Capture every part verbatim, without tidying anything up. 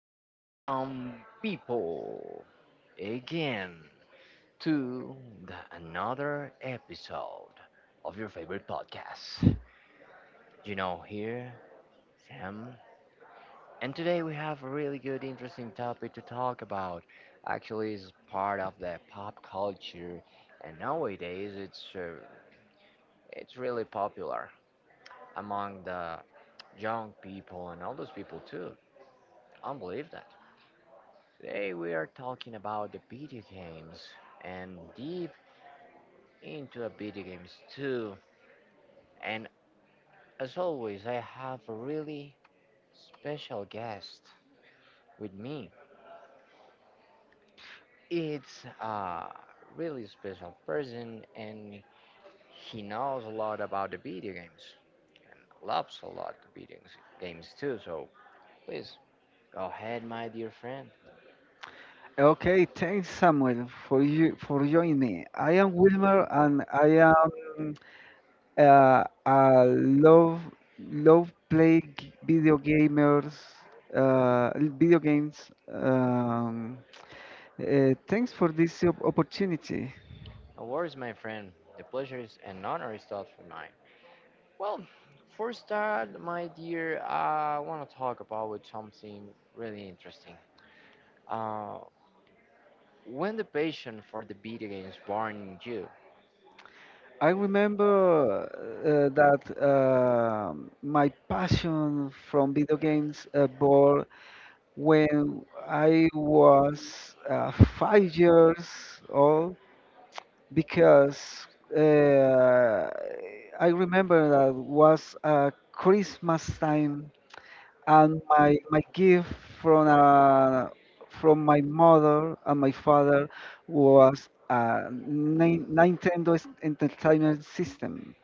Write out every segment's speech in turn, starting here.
Welcome, people, again to the another episode of your favorite podcast. You know, here, Sam. And today we have a really good, interesting topic to talk about. Actually, it's part of the pop culture, and nowadays it's uh, it's really popular among the young people and all those people too. I don't believe that. Today we are talking about the video games and deep into the video games too. And as always, I have a really special guest with me. It's a really special person and he knows a lot about the video games and loves a lot the video games too. So please go ahead, my dear friend. Okay, thanks Samuel for you for joining. I am Wilmer and I am uh, a love love play g- video gamers uh, video games. Um, uh, thanks for this op- opportunity. No worries, my friend. The pleasure is and honor is totally mine. Well, for start, my dear, I want to talk about something really interesting. Uh, when the passion for the video games born in you, I remember uh, that um my passion from video games uh, born when I was uh, five years old because uh, I remember that was uh, Christmas time, and my my gift from uh, from my mother and my father was a Ni- Nintendo s- Entertainment System.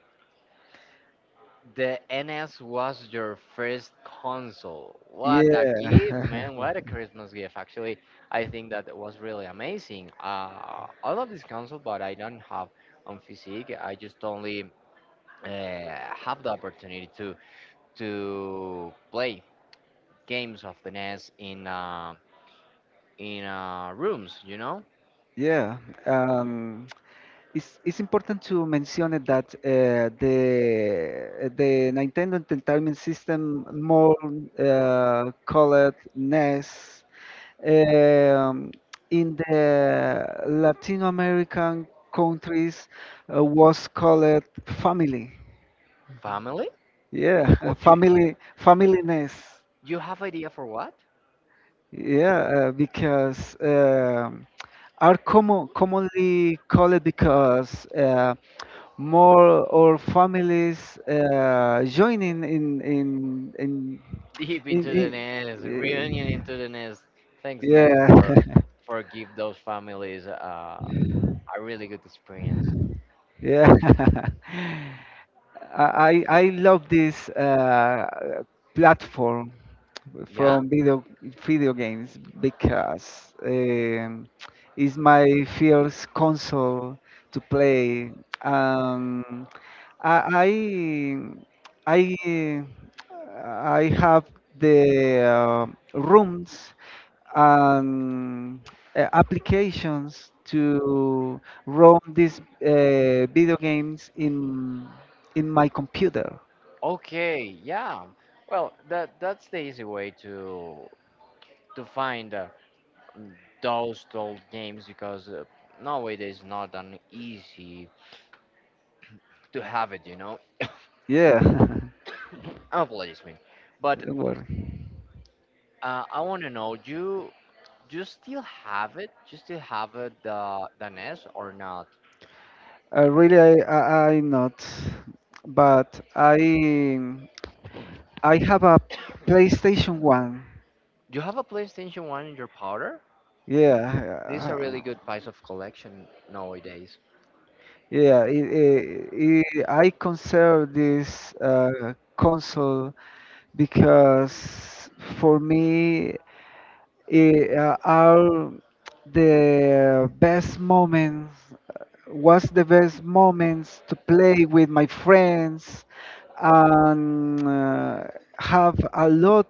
the N S was your first console. What a gift, Yeah, man! What a Christmas gift. Actually, I think that was really amazing. Uh, I love this console, but I don't have on physique. I just only uh, have the opportunity to to play games of the N E S in. uh, in uh, rooms, you know, yeah. Um, It's, it's important to mention it that uh, the the Nintendo Entertainment System, more uh, called N E S, um, in the Latin American countries uh, was called family. family. Yeah, You, family family N E S. you have idea for what? Yeah, uh, because um, are common commonly called because. Uh, more or families uh, joining in in in, Deep in, into the nest, reunion in uh, into the nest. Thanks, Nest, yeah. for for give those families uh, a really good experience. Yeah. I I I love this uh, platform Yeah. from video video games because um, it's my first console to play. Um, I I I I have the um rooms and uh, applications to run these uh, video games in in my computer. Okay. Yeah. Well, that that's the easy way to to find uh, those old games because uh, nowadays not an easy to have it. You know. Yeah, Apologies me, but don't worry. uh, I want to know you. Do you still have it? Do you still have it, the the N E S or not? I really, I, I, I not, but I I have a PlayStation One. Do you have a PlayStation one in your powder? Yeah, This is a really good uh, piece of collection nowadays. yeah. It, it, it, I consider this uh, console because for me it, uh, are the best moments was the best moments to play with my friends and uh, have a lot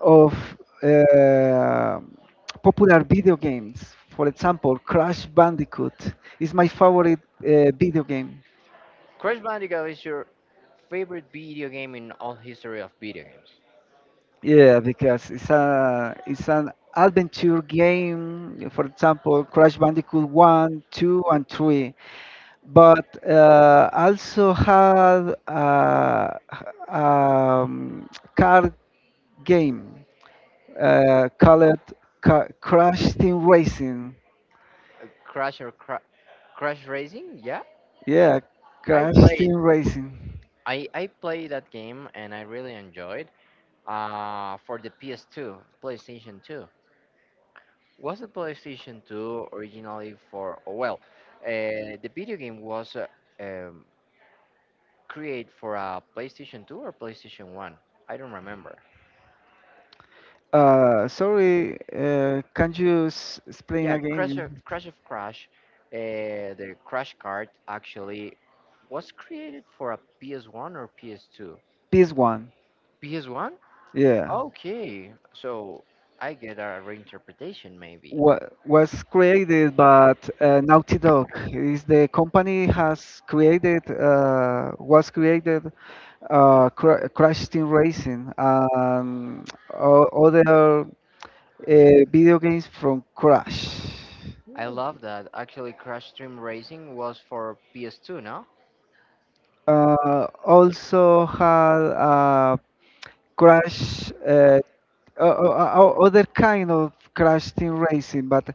of uh, popular video games, for example Crash Bandicoot is my favorite uh, video game. Crash Bandicoot is your favorite video game in all history of video games. Yeah, because it's a it's an adventure game. For example, Crash Bandicoot one, two, and three, but uh, also had a, um, car game uh, called Ca- Crash Team Racing. Uh, Crash or cra- Crash Racing? Yeah, Yeah, I Crash played. Team Racing. I I played that game and I really enjoyed. Uh, for the P S two, PlayStation two. Was the PlayStation two originally for? Oh, well, uh, the video game was. Uh, um, Create for a PlayStation two or PlayStation one. I don't remember. Uh, sorry, uh, can you s- explain Yeah, Crash again? of Crash, of Crash uh, the Crash card actually was created for a P S one or P S two. This one, P S one? yeah. Okay, so I get a reinterpretation maybe. wa- was created, but uh, Naughty Dog is the company has created uh, was created uh, Cra- Crash Team Racing and o- other uh, video games from Crash. I love that. Actually, Crash Stream Racing was for P S two, no? Uh, also had uh, Crash uh, o- o- o- other kind of Crash Team Racing, but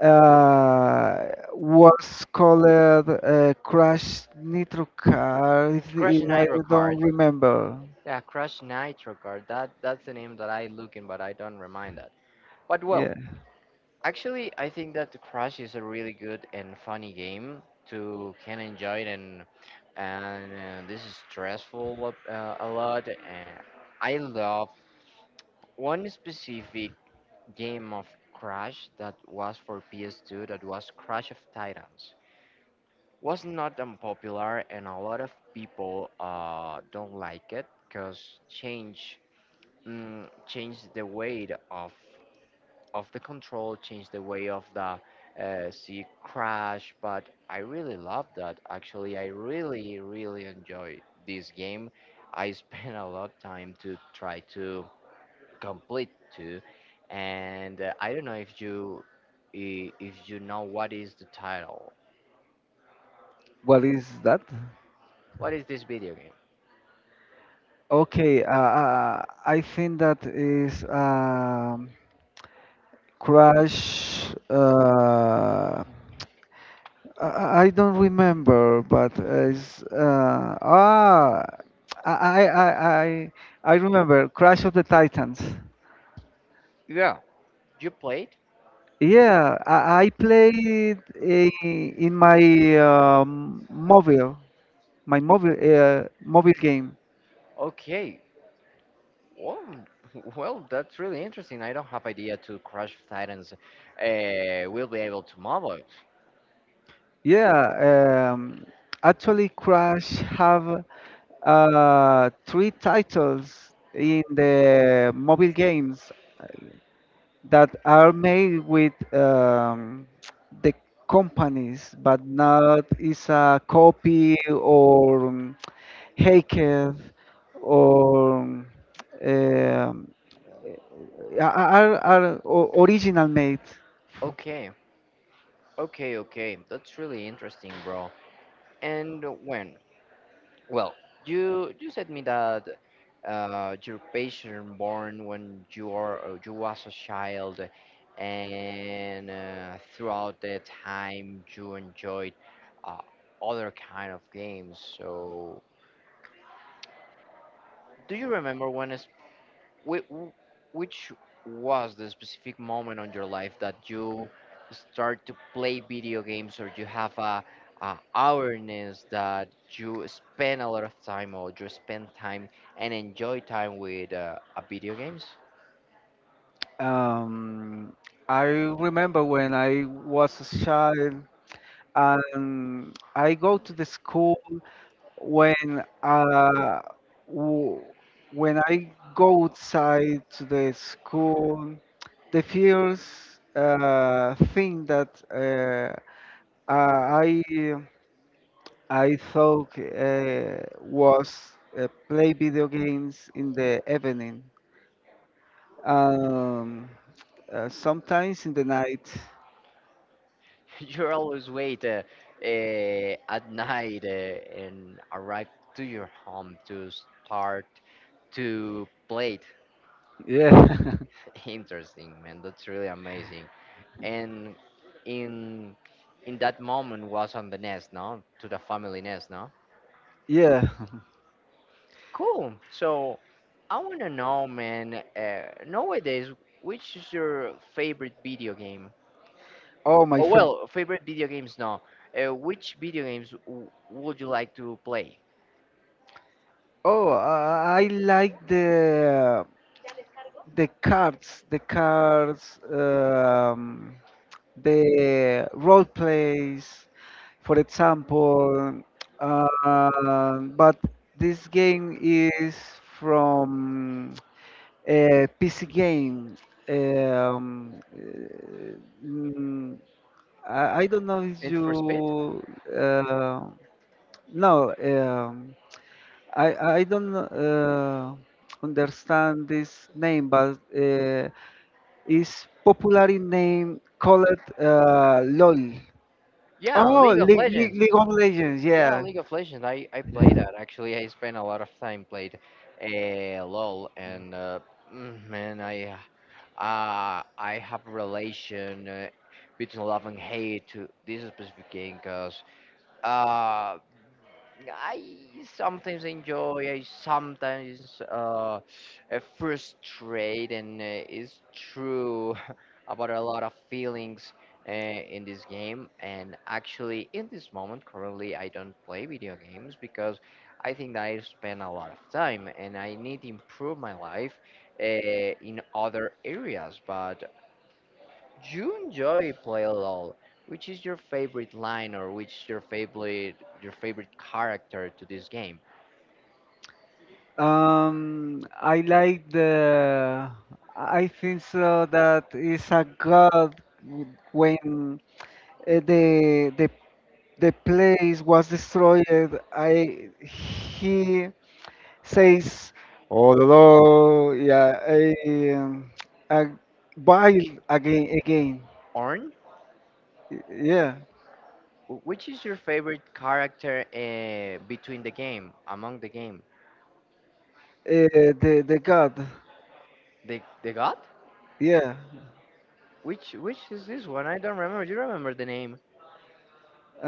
uh, was called uh, Crash Nitro Car. If, Crash if I Nitro don't Kart. remember. Yeah, Crash Nitro Kart. That that's the name that I looking, but I don't remind that. But well, Yeah. actually, I think that Crash is a really good and funny game to can enjoy it and and uh, this is stressful up, uh, a lot. And I love one specific game of Crash that was for P S two that was Crash of Titans. Was not unpopular and a lot of people uh, don't like it because change mm, changed the weight of of the control, change the way of the uh, sea crash. But I really love that. Actually, I really, really enjoy this game. I spent a lot of time to try to complete too, and uh, I don't know if you i- if you know what is the title. What is that? What is this video game? Okay. Uh, uh, I think that is um, Crash. Uh, I I don't remember, but it's uh, ah, I I I I I remember Crash of the Titans. Yeah. You played? Yeah, I, I play it i- in my um, mobile, my mobile uh, mobile game. Okay. Well, well, that's really interesting. I don't have idea to Crash of Titans uh, will be able to mobile. Yeah, um, actually, Crash have uh, three titles in the mobile games that are made with um, the companies, but not is a copy or um, hacked or um, are, are o- original made. Okay. Okay, okay. That's really interesting, bro. And when? Well, you you said me that uh, your patient born when you are uh, you was a child, and uh, throughout that time you enjoyed uh, other kind of games. So, do you remember one Whi- wh- Which was the specific moment on your life that you start to play video games or you have a, a awareness that you spend a lot of time or you spend time and enjoy time with uh, a video games? Um, I remember when I was a child and I go to the school when uh, w- when I go outside to the school, the first uh, thing that uh, I I thought uh, was uh, play video games in the evening. Um, uh, sometimes in the night. You always wait uh, uh, at night uh, and arrive to your home to start to play it. Yeah. Interesting, man. That's really amazing. And in in that moment was on the nest, no? To the family nest, no? Yeah. Cool. So I want to know, man, uh, nowadays, which is your favorite video game? Oh my Oh, Oh, fav well, favorite video games, no, uh, which video games w- would you like to play? Oh, uh, I like the the cards, the cards, um, the role plays, for example. Uh, but this game is from a P C game. Um, uh, mm, I, I don't know if Need for speed. you... uh, no um, I I don't uh, understand this name, but uh, it's popularly name called uh, LOL. Yeah. Oh, League, League, League of Legends, Yeah, yeah. League of Legends. I I play that actually. I spent a lot of time played uh, LOL and uh, mm, man, I uh, I have relation uh, between love and hate to this specific game because I sometimes enjoy, I sometimes uh, uh, frustrate, and uh, it's true about a lot of feelings uh, in this game. And actually, in this moment, currently, I don't play video games because I think that I spend a lot of time and I need to improve my life uh, in other areas. But do you enjoy play LOL? Which is your favorite line or which is your favorite your favorite character to this game? Um, I like the. I think so that is a god when uh, the the the place was destroyed. I he says, although yeah, I, um, I buy again again. Orn? Yeah, Wh- Which is your favorite character uh, between the game, among the game? uh, the the god. The the god? Yeah, Which which is this one? I don't remember. Do you remember the name? uh,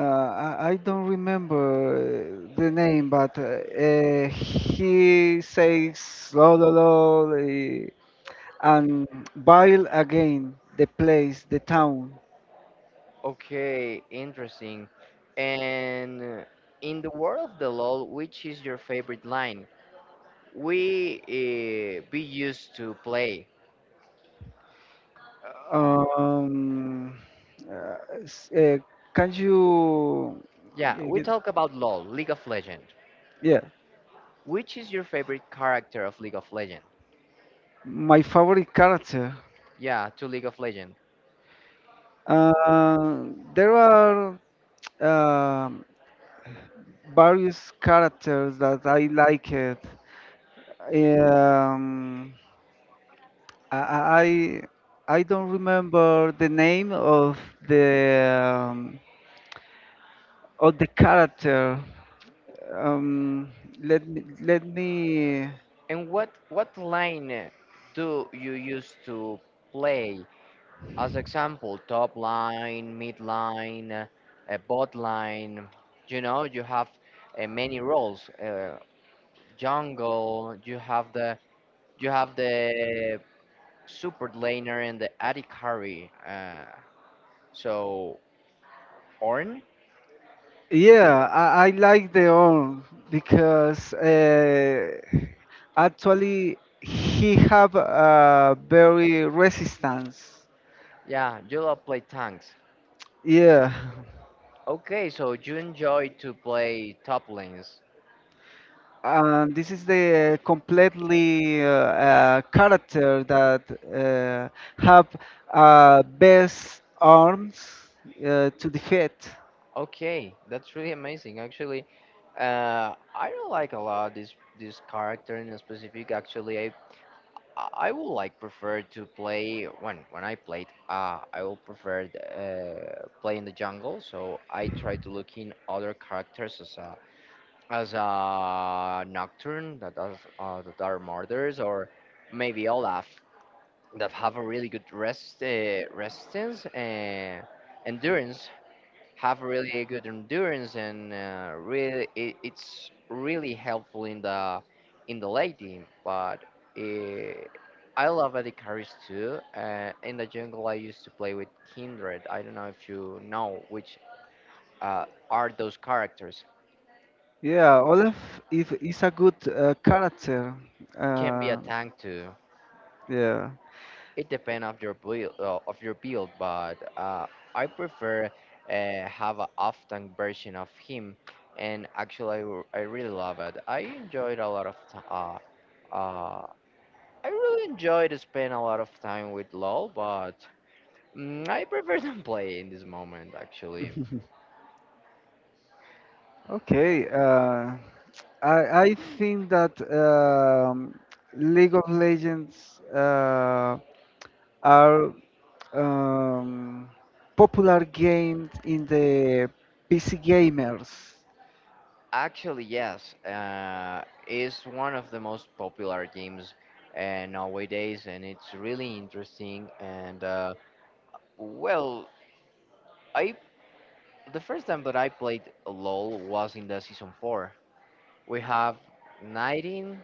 I, I don't remember the name, but uh, uh, he says lo lo lo eh, and buy again the place, the town. Okay, interesting. And uh, in the world of the LOL, which is your favorite line? We uh, be used to play. Um, uh, s- uh, can you? uh, Yeah, we get- talk about LOL, League of Legends. Yeah, Which is your favorite character of League of Legends? my favorite character. Yeah, to League of Legends. Uh, there are um various characters that I like it. Um, I, I I don't remember the name of the um, of the character. Um, let me let me... And what what line uh, do you use to play? As example, top line, mid line, uh, uh, bot line. You know, you have uh, many roles. Uh, jungle. You have the you have the super laner and the A D carry. Uh, so Ornn. Yeah, I, I like the own because uh, actually he have a very resistance. Yeah, you love play tanks. Yeah, Okay, so you enjoy to play top lanes. and this is the completely uh, uh, character that uh, have uh, best arms uh, to defeat. Okay, that's really amazing. Actually, uh, I don't like a lot this this character in specific. Actually, I I would like prefer to play when when I played. Uh, I will prefer uh, play in the jungle. So I try to look in other characters as a as a nocturne that are uh, that are murders or maybe Olaf. That have a really good rest uh, resistance and endurance have really good endurance and uh, really it, it's really helpful in the in the late game. But uh, I love Adicaris too uh, in the jungle. I used to play with Kindred. I don't know if you know which uh, are those characters. Yeah, Olaf is, is a good uh, character. Can be a Uh, tank too. yeah. It depends of your build, uh, of your build, but uh, I prefer uh, have a off tank version of him, and actually I, r- I really love it. I enjoyed a lot of t- uh, uh, I really enjoyed to spend a lot of time with LoL, but mm, I prefer not play in this moment actually. Okay. Uh, I I think that um, League of Legends uh, are um, popular games in the P C gamers. Actually, yes, uh, is one of the most popular games uh, nowadays, and it's really interesting and. Uh, well, I The first time that I played LoL was in the season four. We have nineteen,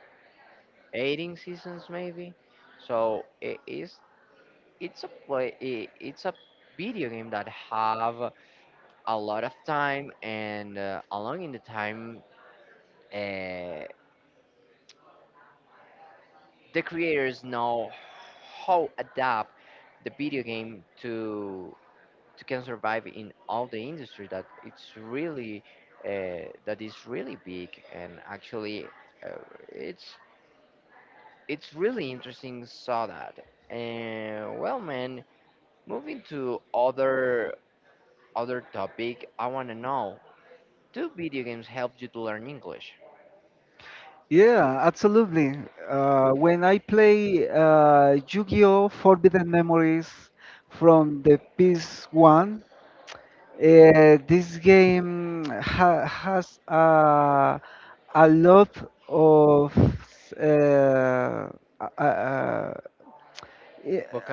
eighteen seasons maybe. So it is it's a play I it's a video game that have a lot of time and uh, along in the time uh, the creators know how adapt the video game to to can survive in all the industry that it's really uh, that is really big and actually uh, it's it's really interesting saw that. And well, man, moving to other other topic, I want to know, do video games help you to learn English? Yeah, absolutely. Uh, when I play uh, Yu-Gi-Oh! Forbidden Memories from the P S one. Uh, this game ha has a, a lot of uh, a, a,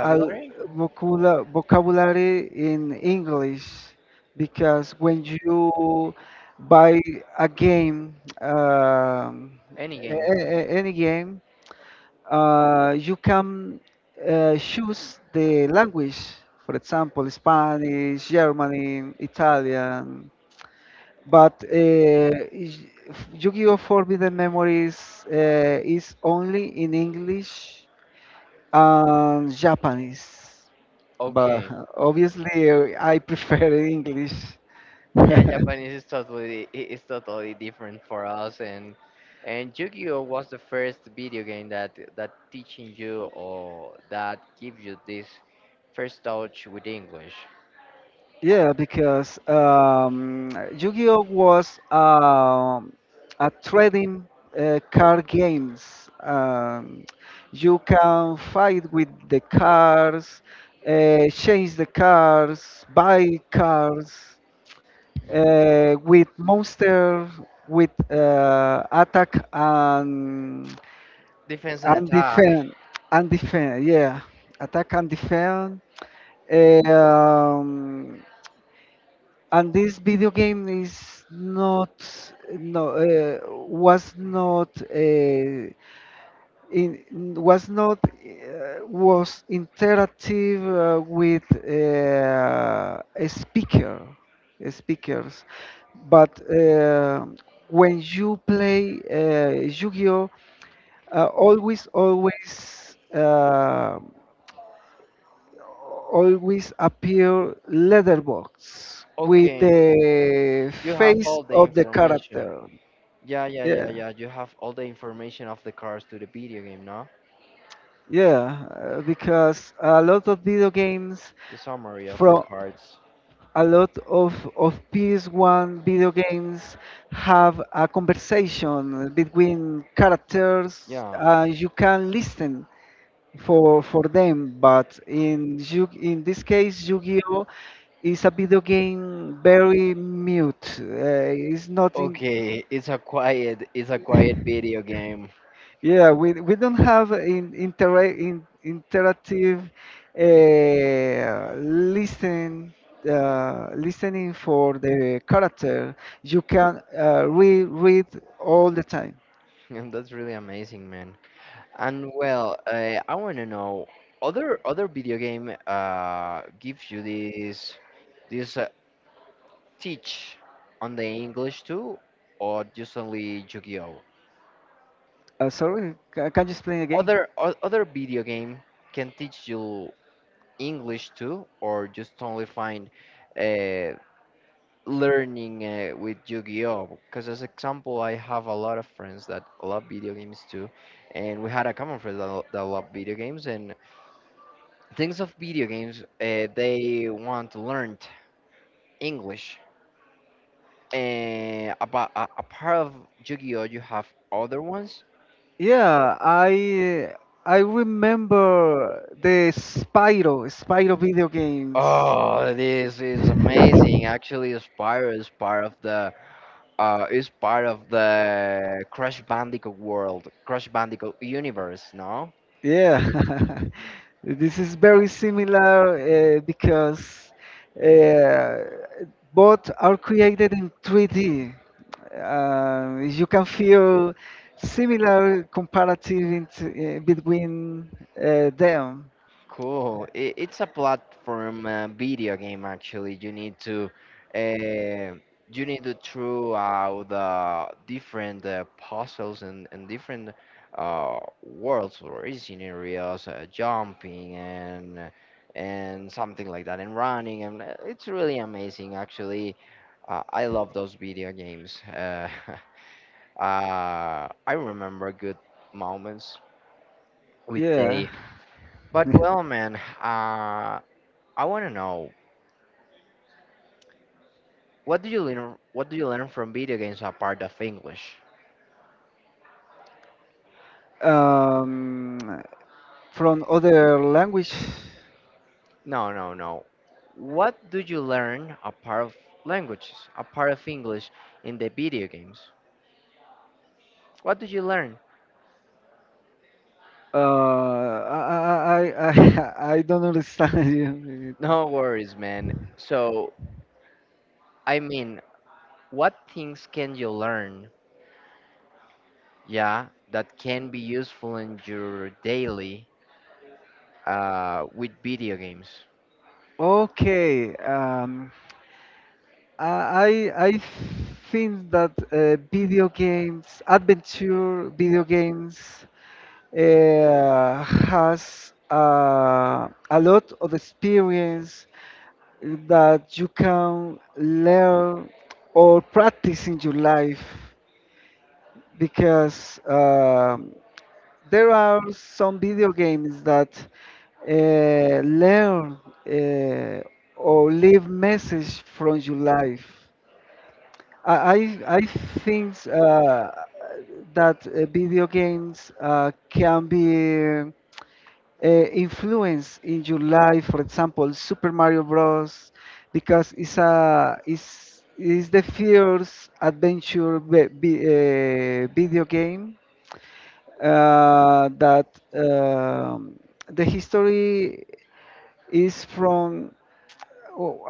a vocula- vocabulary in English because when you buy a game, um, Any game. a- a- any game, uh, you can uh, choose the language. For example, Spanish, German, Italian. But uh, is- Yu-Gi-Oh! Forbidden Memories uh, is only in English and Japanese. But Okay. obviously, uh, I prefer English. Yeah, Japanese is totally i- is totally different for us, and and Yu-Gi-Oh was the first video game that that teaching you or that gives you this first touch with English. Yeah, because um, Yu-Gi-Oh was um, a trading uh, card games. Um, you can fight with the cards, uh, change the cards, buy cards. uh, with monster, with uh, attack and Defense and and attack. defend and defend. Yeah, attack and defend. Um, and this video game is not no uh, was not uh, in, n- was not uh, was interactive uh, with uh, a speaker speakers, but uh, when you play uh, Yu-Gi-Oh uh, always always uh, always appear letterbox with Okay, the you have face all the of the information. character. Yeah, yeah, Yeah, yeah, yeah. You have all the information of the cards to the video game, no? yeah, uh, because a lot of video games The summary of the from cards. a lot of of P S one video games have a conversation between characters. Yeah. Uh, you can listen for for them, but in Yu- in this case, Yu-Gi-Oh! Is a video game very mute. Uh, it's not in, Okay, it's a quiet, it's a quiet video game, Yeah, we we don't have in, intera- in interactive uh, listen uh, listening for the character. You can uh, reread all the time. and that's really amazing, man. And well, uh, I want to know other other video game uh gives you this this uh, teach on the English too, or just only Yu-Gi-Oh? Uh, sorry, ca- can you explain again? Other o- other video game can teach you English too, or just only find uh learning uh, with Yu-Gi-Oh? Because as example, I have a lot of friends that love video games too, and we had a common friend that, lo- that love video games, and things of video games uh, they want to learn English. And about uh, apart of Yu-Gi-Oh you have other ones. Yeah, I I remember the Spyro Spyro video games. Oh, this is amazing. Actually, Spyro is part of the uh is part of the Crash Bandicoot world, Crash Bandicoot universe, no? Yeah, this is very similar uh, because uh, both are created in three D. Uh, you can feel similar comparative in t- uh, between uh, them. Cool. It, it's a platform uh, video game actually. You need to uh, you need to throw out the different uh, puzzles and, and different uh, worlds or scenarios, uh, jumping and and something like that, and running, and uh, it's really amazing actually. Uh, I love those video games. Uh, uh, I remember good moments with Yeah. they. But well, man, uh, I want to know, what do you learn? What do you learn from video games apart of English? um, from other language, No, no, no. What do you learn apart of languages, apart of English, in the video games? What do you learn? uh, I, I, I, I I don't understand you. No worries, man. So I mean, what things can you learn? Yeah, that can be useful in your daily uh, with video games. Okay. Um, I I think that uh, video games, adventure video games, uh, has uh, a lot of experience that you can learn or practice in your life because um, there are some video games that uh, learn uh, or leave message from your life. I I I think uh, that uh, video games uh, can be uh, influence in your life. For example, Super Mario Bros. Because it's a it's is the first adventure ve- vi- uh, video game uh, that um, the history is from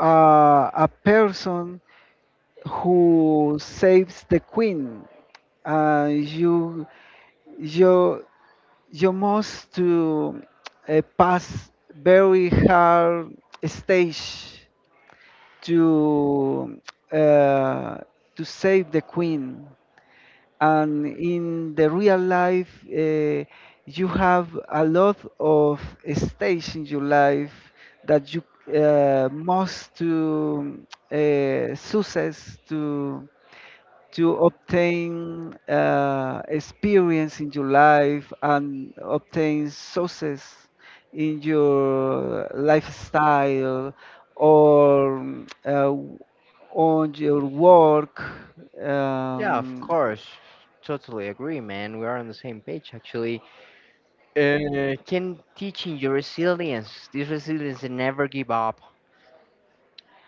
uh, a person who saves the queen. Uh, you you you must to uh, pass very hard stage to uh, to save the queen, and in the real life uh, you have a lot of stage in your life that you uh, must to uh, success to to obtain uh, experience in your life and obtain success in your lifestyle or uh, on your work. Yeah, of Um, course. Totally agree, man. We are on the same page, actually. Uh, can teaching your resilience, this resilience, and never give up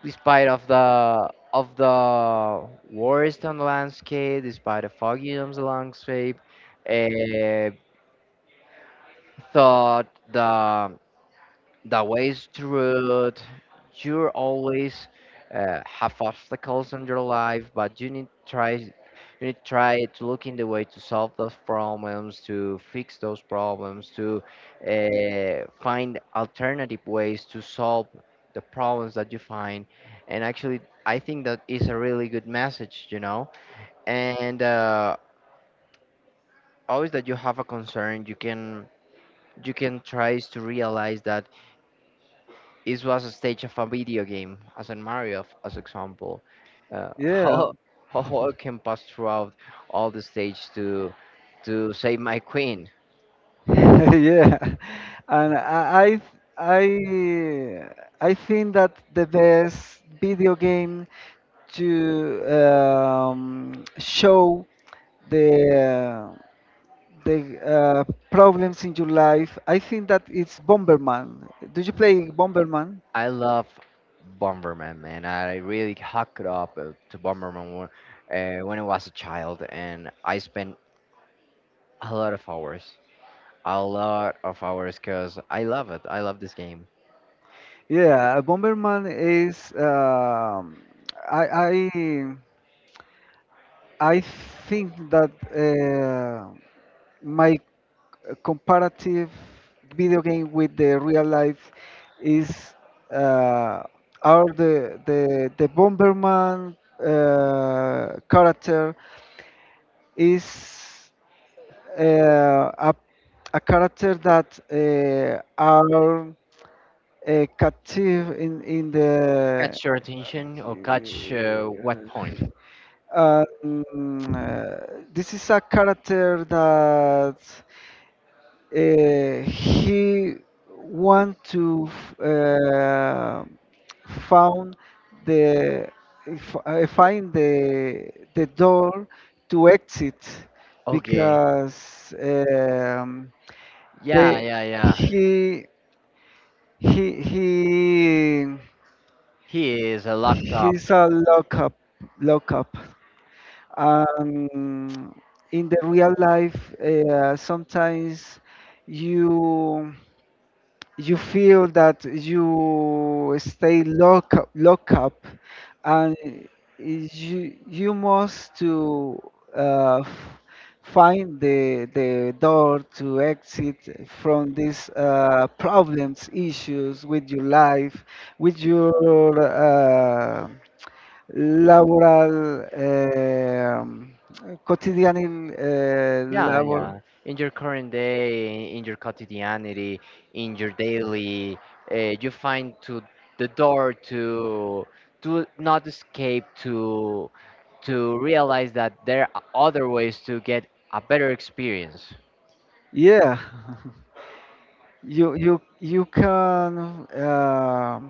despite of the of the worst on the landscape, despite the foggy on the landscape, uh, thought the the ways through it. You always uh, have obstacles in your life, but you need try you need try to look in the way to solve those problems, to fix those problems, to uh, find alternative ways to solve the problems that you find. And actually, I think that is a really good message, you know. And uh, always that you have a concern, you can you can try to realize that it was a stage of a video game, as in Mario, f- as example. Uh, yeah, how how I can pass throughout all the stage to to save my queen. yeah. And I, I, I think that the best video game to um, show the the uh, problems in your life. I think that it's Bomberman. Did you play Bomberman? I love Bomberman, man. I really hooked up uh, to Bomberman when, uh, when I was a child, and I spent a lot of hours, a lot of hours, because I love it. I love this game. Yeah, Bomberman is. um I I I think that uh, my comparative video game with the real life is uh, are the the the Bomberman uh, character is uh, a, a character that uh, are uh, captive in in the... Catch your attention or catch uh, what point? uh, mm, uh, this is a character that uh, he want to f- uh, found the f- uh, find the the door to exit Okay. because um, Yeah, they yeah, yeah. he he he He is uh, locked up. he's a lockup lockup. Um, in the real life, uh, sometimes you you feel that you stay lock lock up and you you must to uh, f- find the the door to exit from these uh, problems issues with your life with your uh, laboral um, quotidian uh, Yeah, labor. yeah. In your current day, in your quotidianity, in your daily, uh, you find to the door to to not escape to to realize that there are other ways to get a better experience. Yeah, you you you can uh,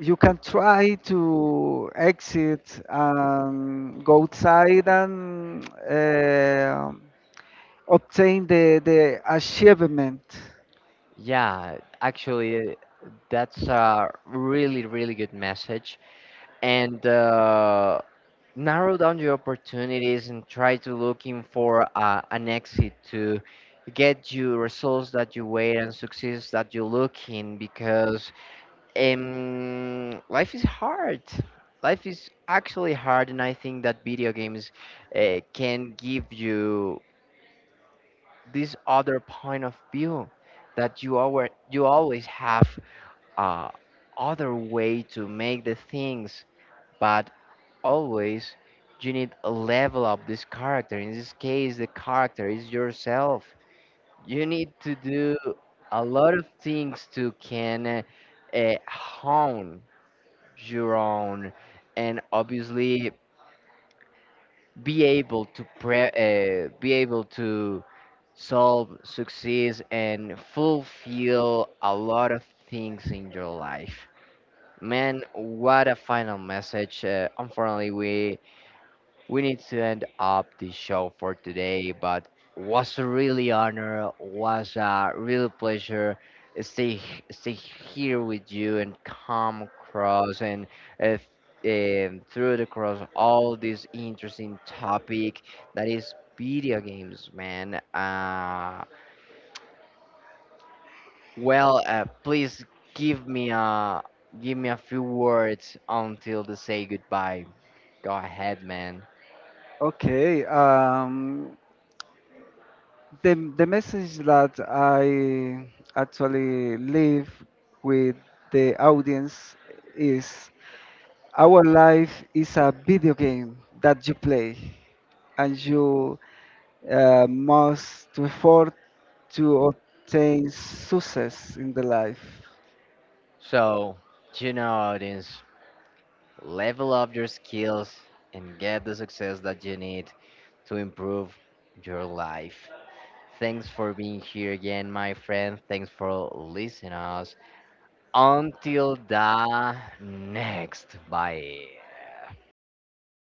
you can try to exit and go outside and uh, obtain the the achievement. Yeah, actually, that's a really really good message, and. Uh, narrow down your opportunities and try to looking for uh, an exit to get you results that you wait and success that you looking, because um, life is hard, life is actually hard, and I think that video games uh, can give you this other point of view that you always you always have uh, other way to make the things, but always you need a level up this character. In this case, the character is yourself. You need to do a lot of things to can uh, uh, hone your own, and obviously be able to pre- uh, be able to solve, succeed, and fulfill a lot of things in your life. Man, what a final message. Uh, unfortunately, we We need to end up the show for today, but was a really honor, was a real pleasure stay stay here with you and come across and uh, and through the cross all this interesting topic that is video games, man. Uh, well, uh, please give me a give me a few words until they say goodbye. Go ahead, man. Okay, um, the the message that I actually leave with the audience is our life is a video game that you play and you uh, must effort to obtain success in the life. So, you know, audience, level up your skills, and get the success that you need to improve your life. Thanks for being here again, my friend. Thanks for listening us. Until the next. Bye.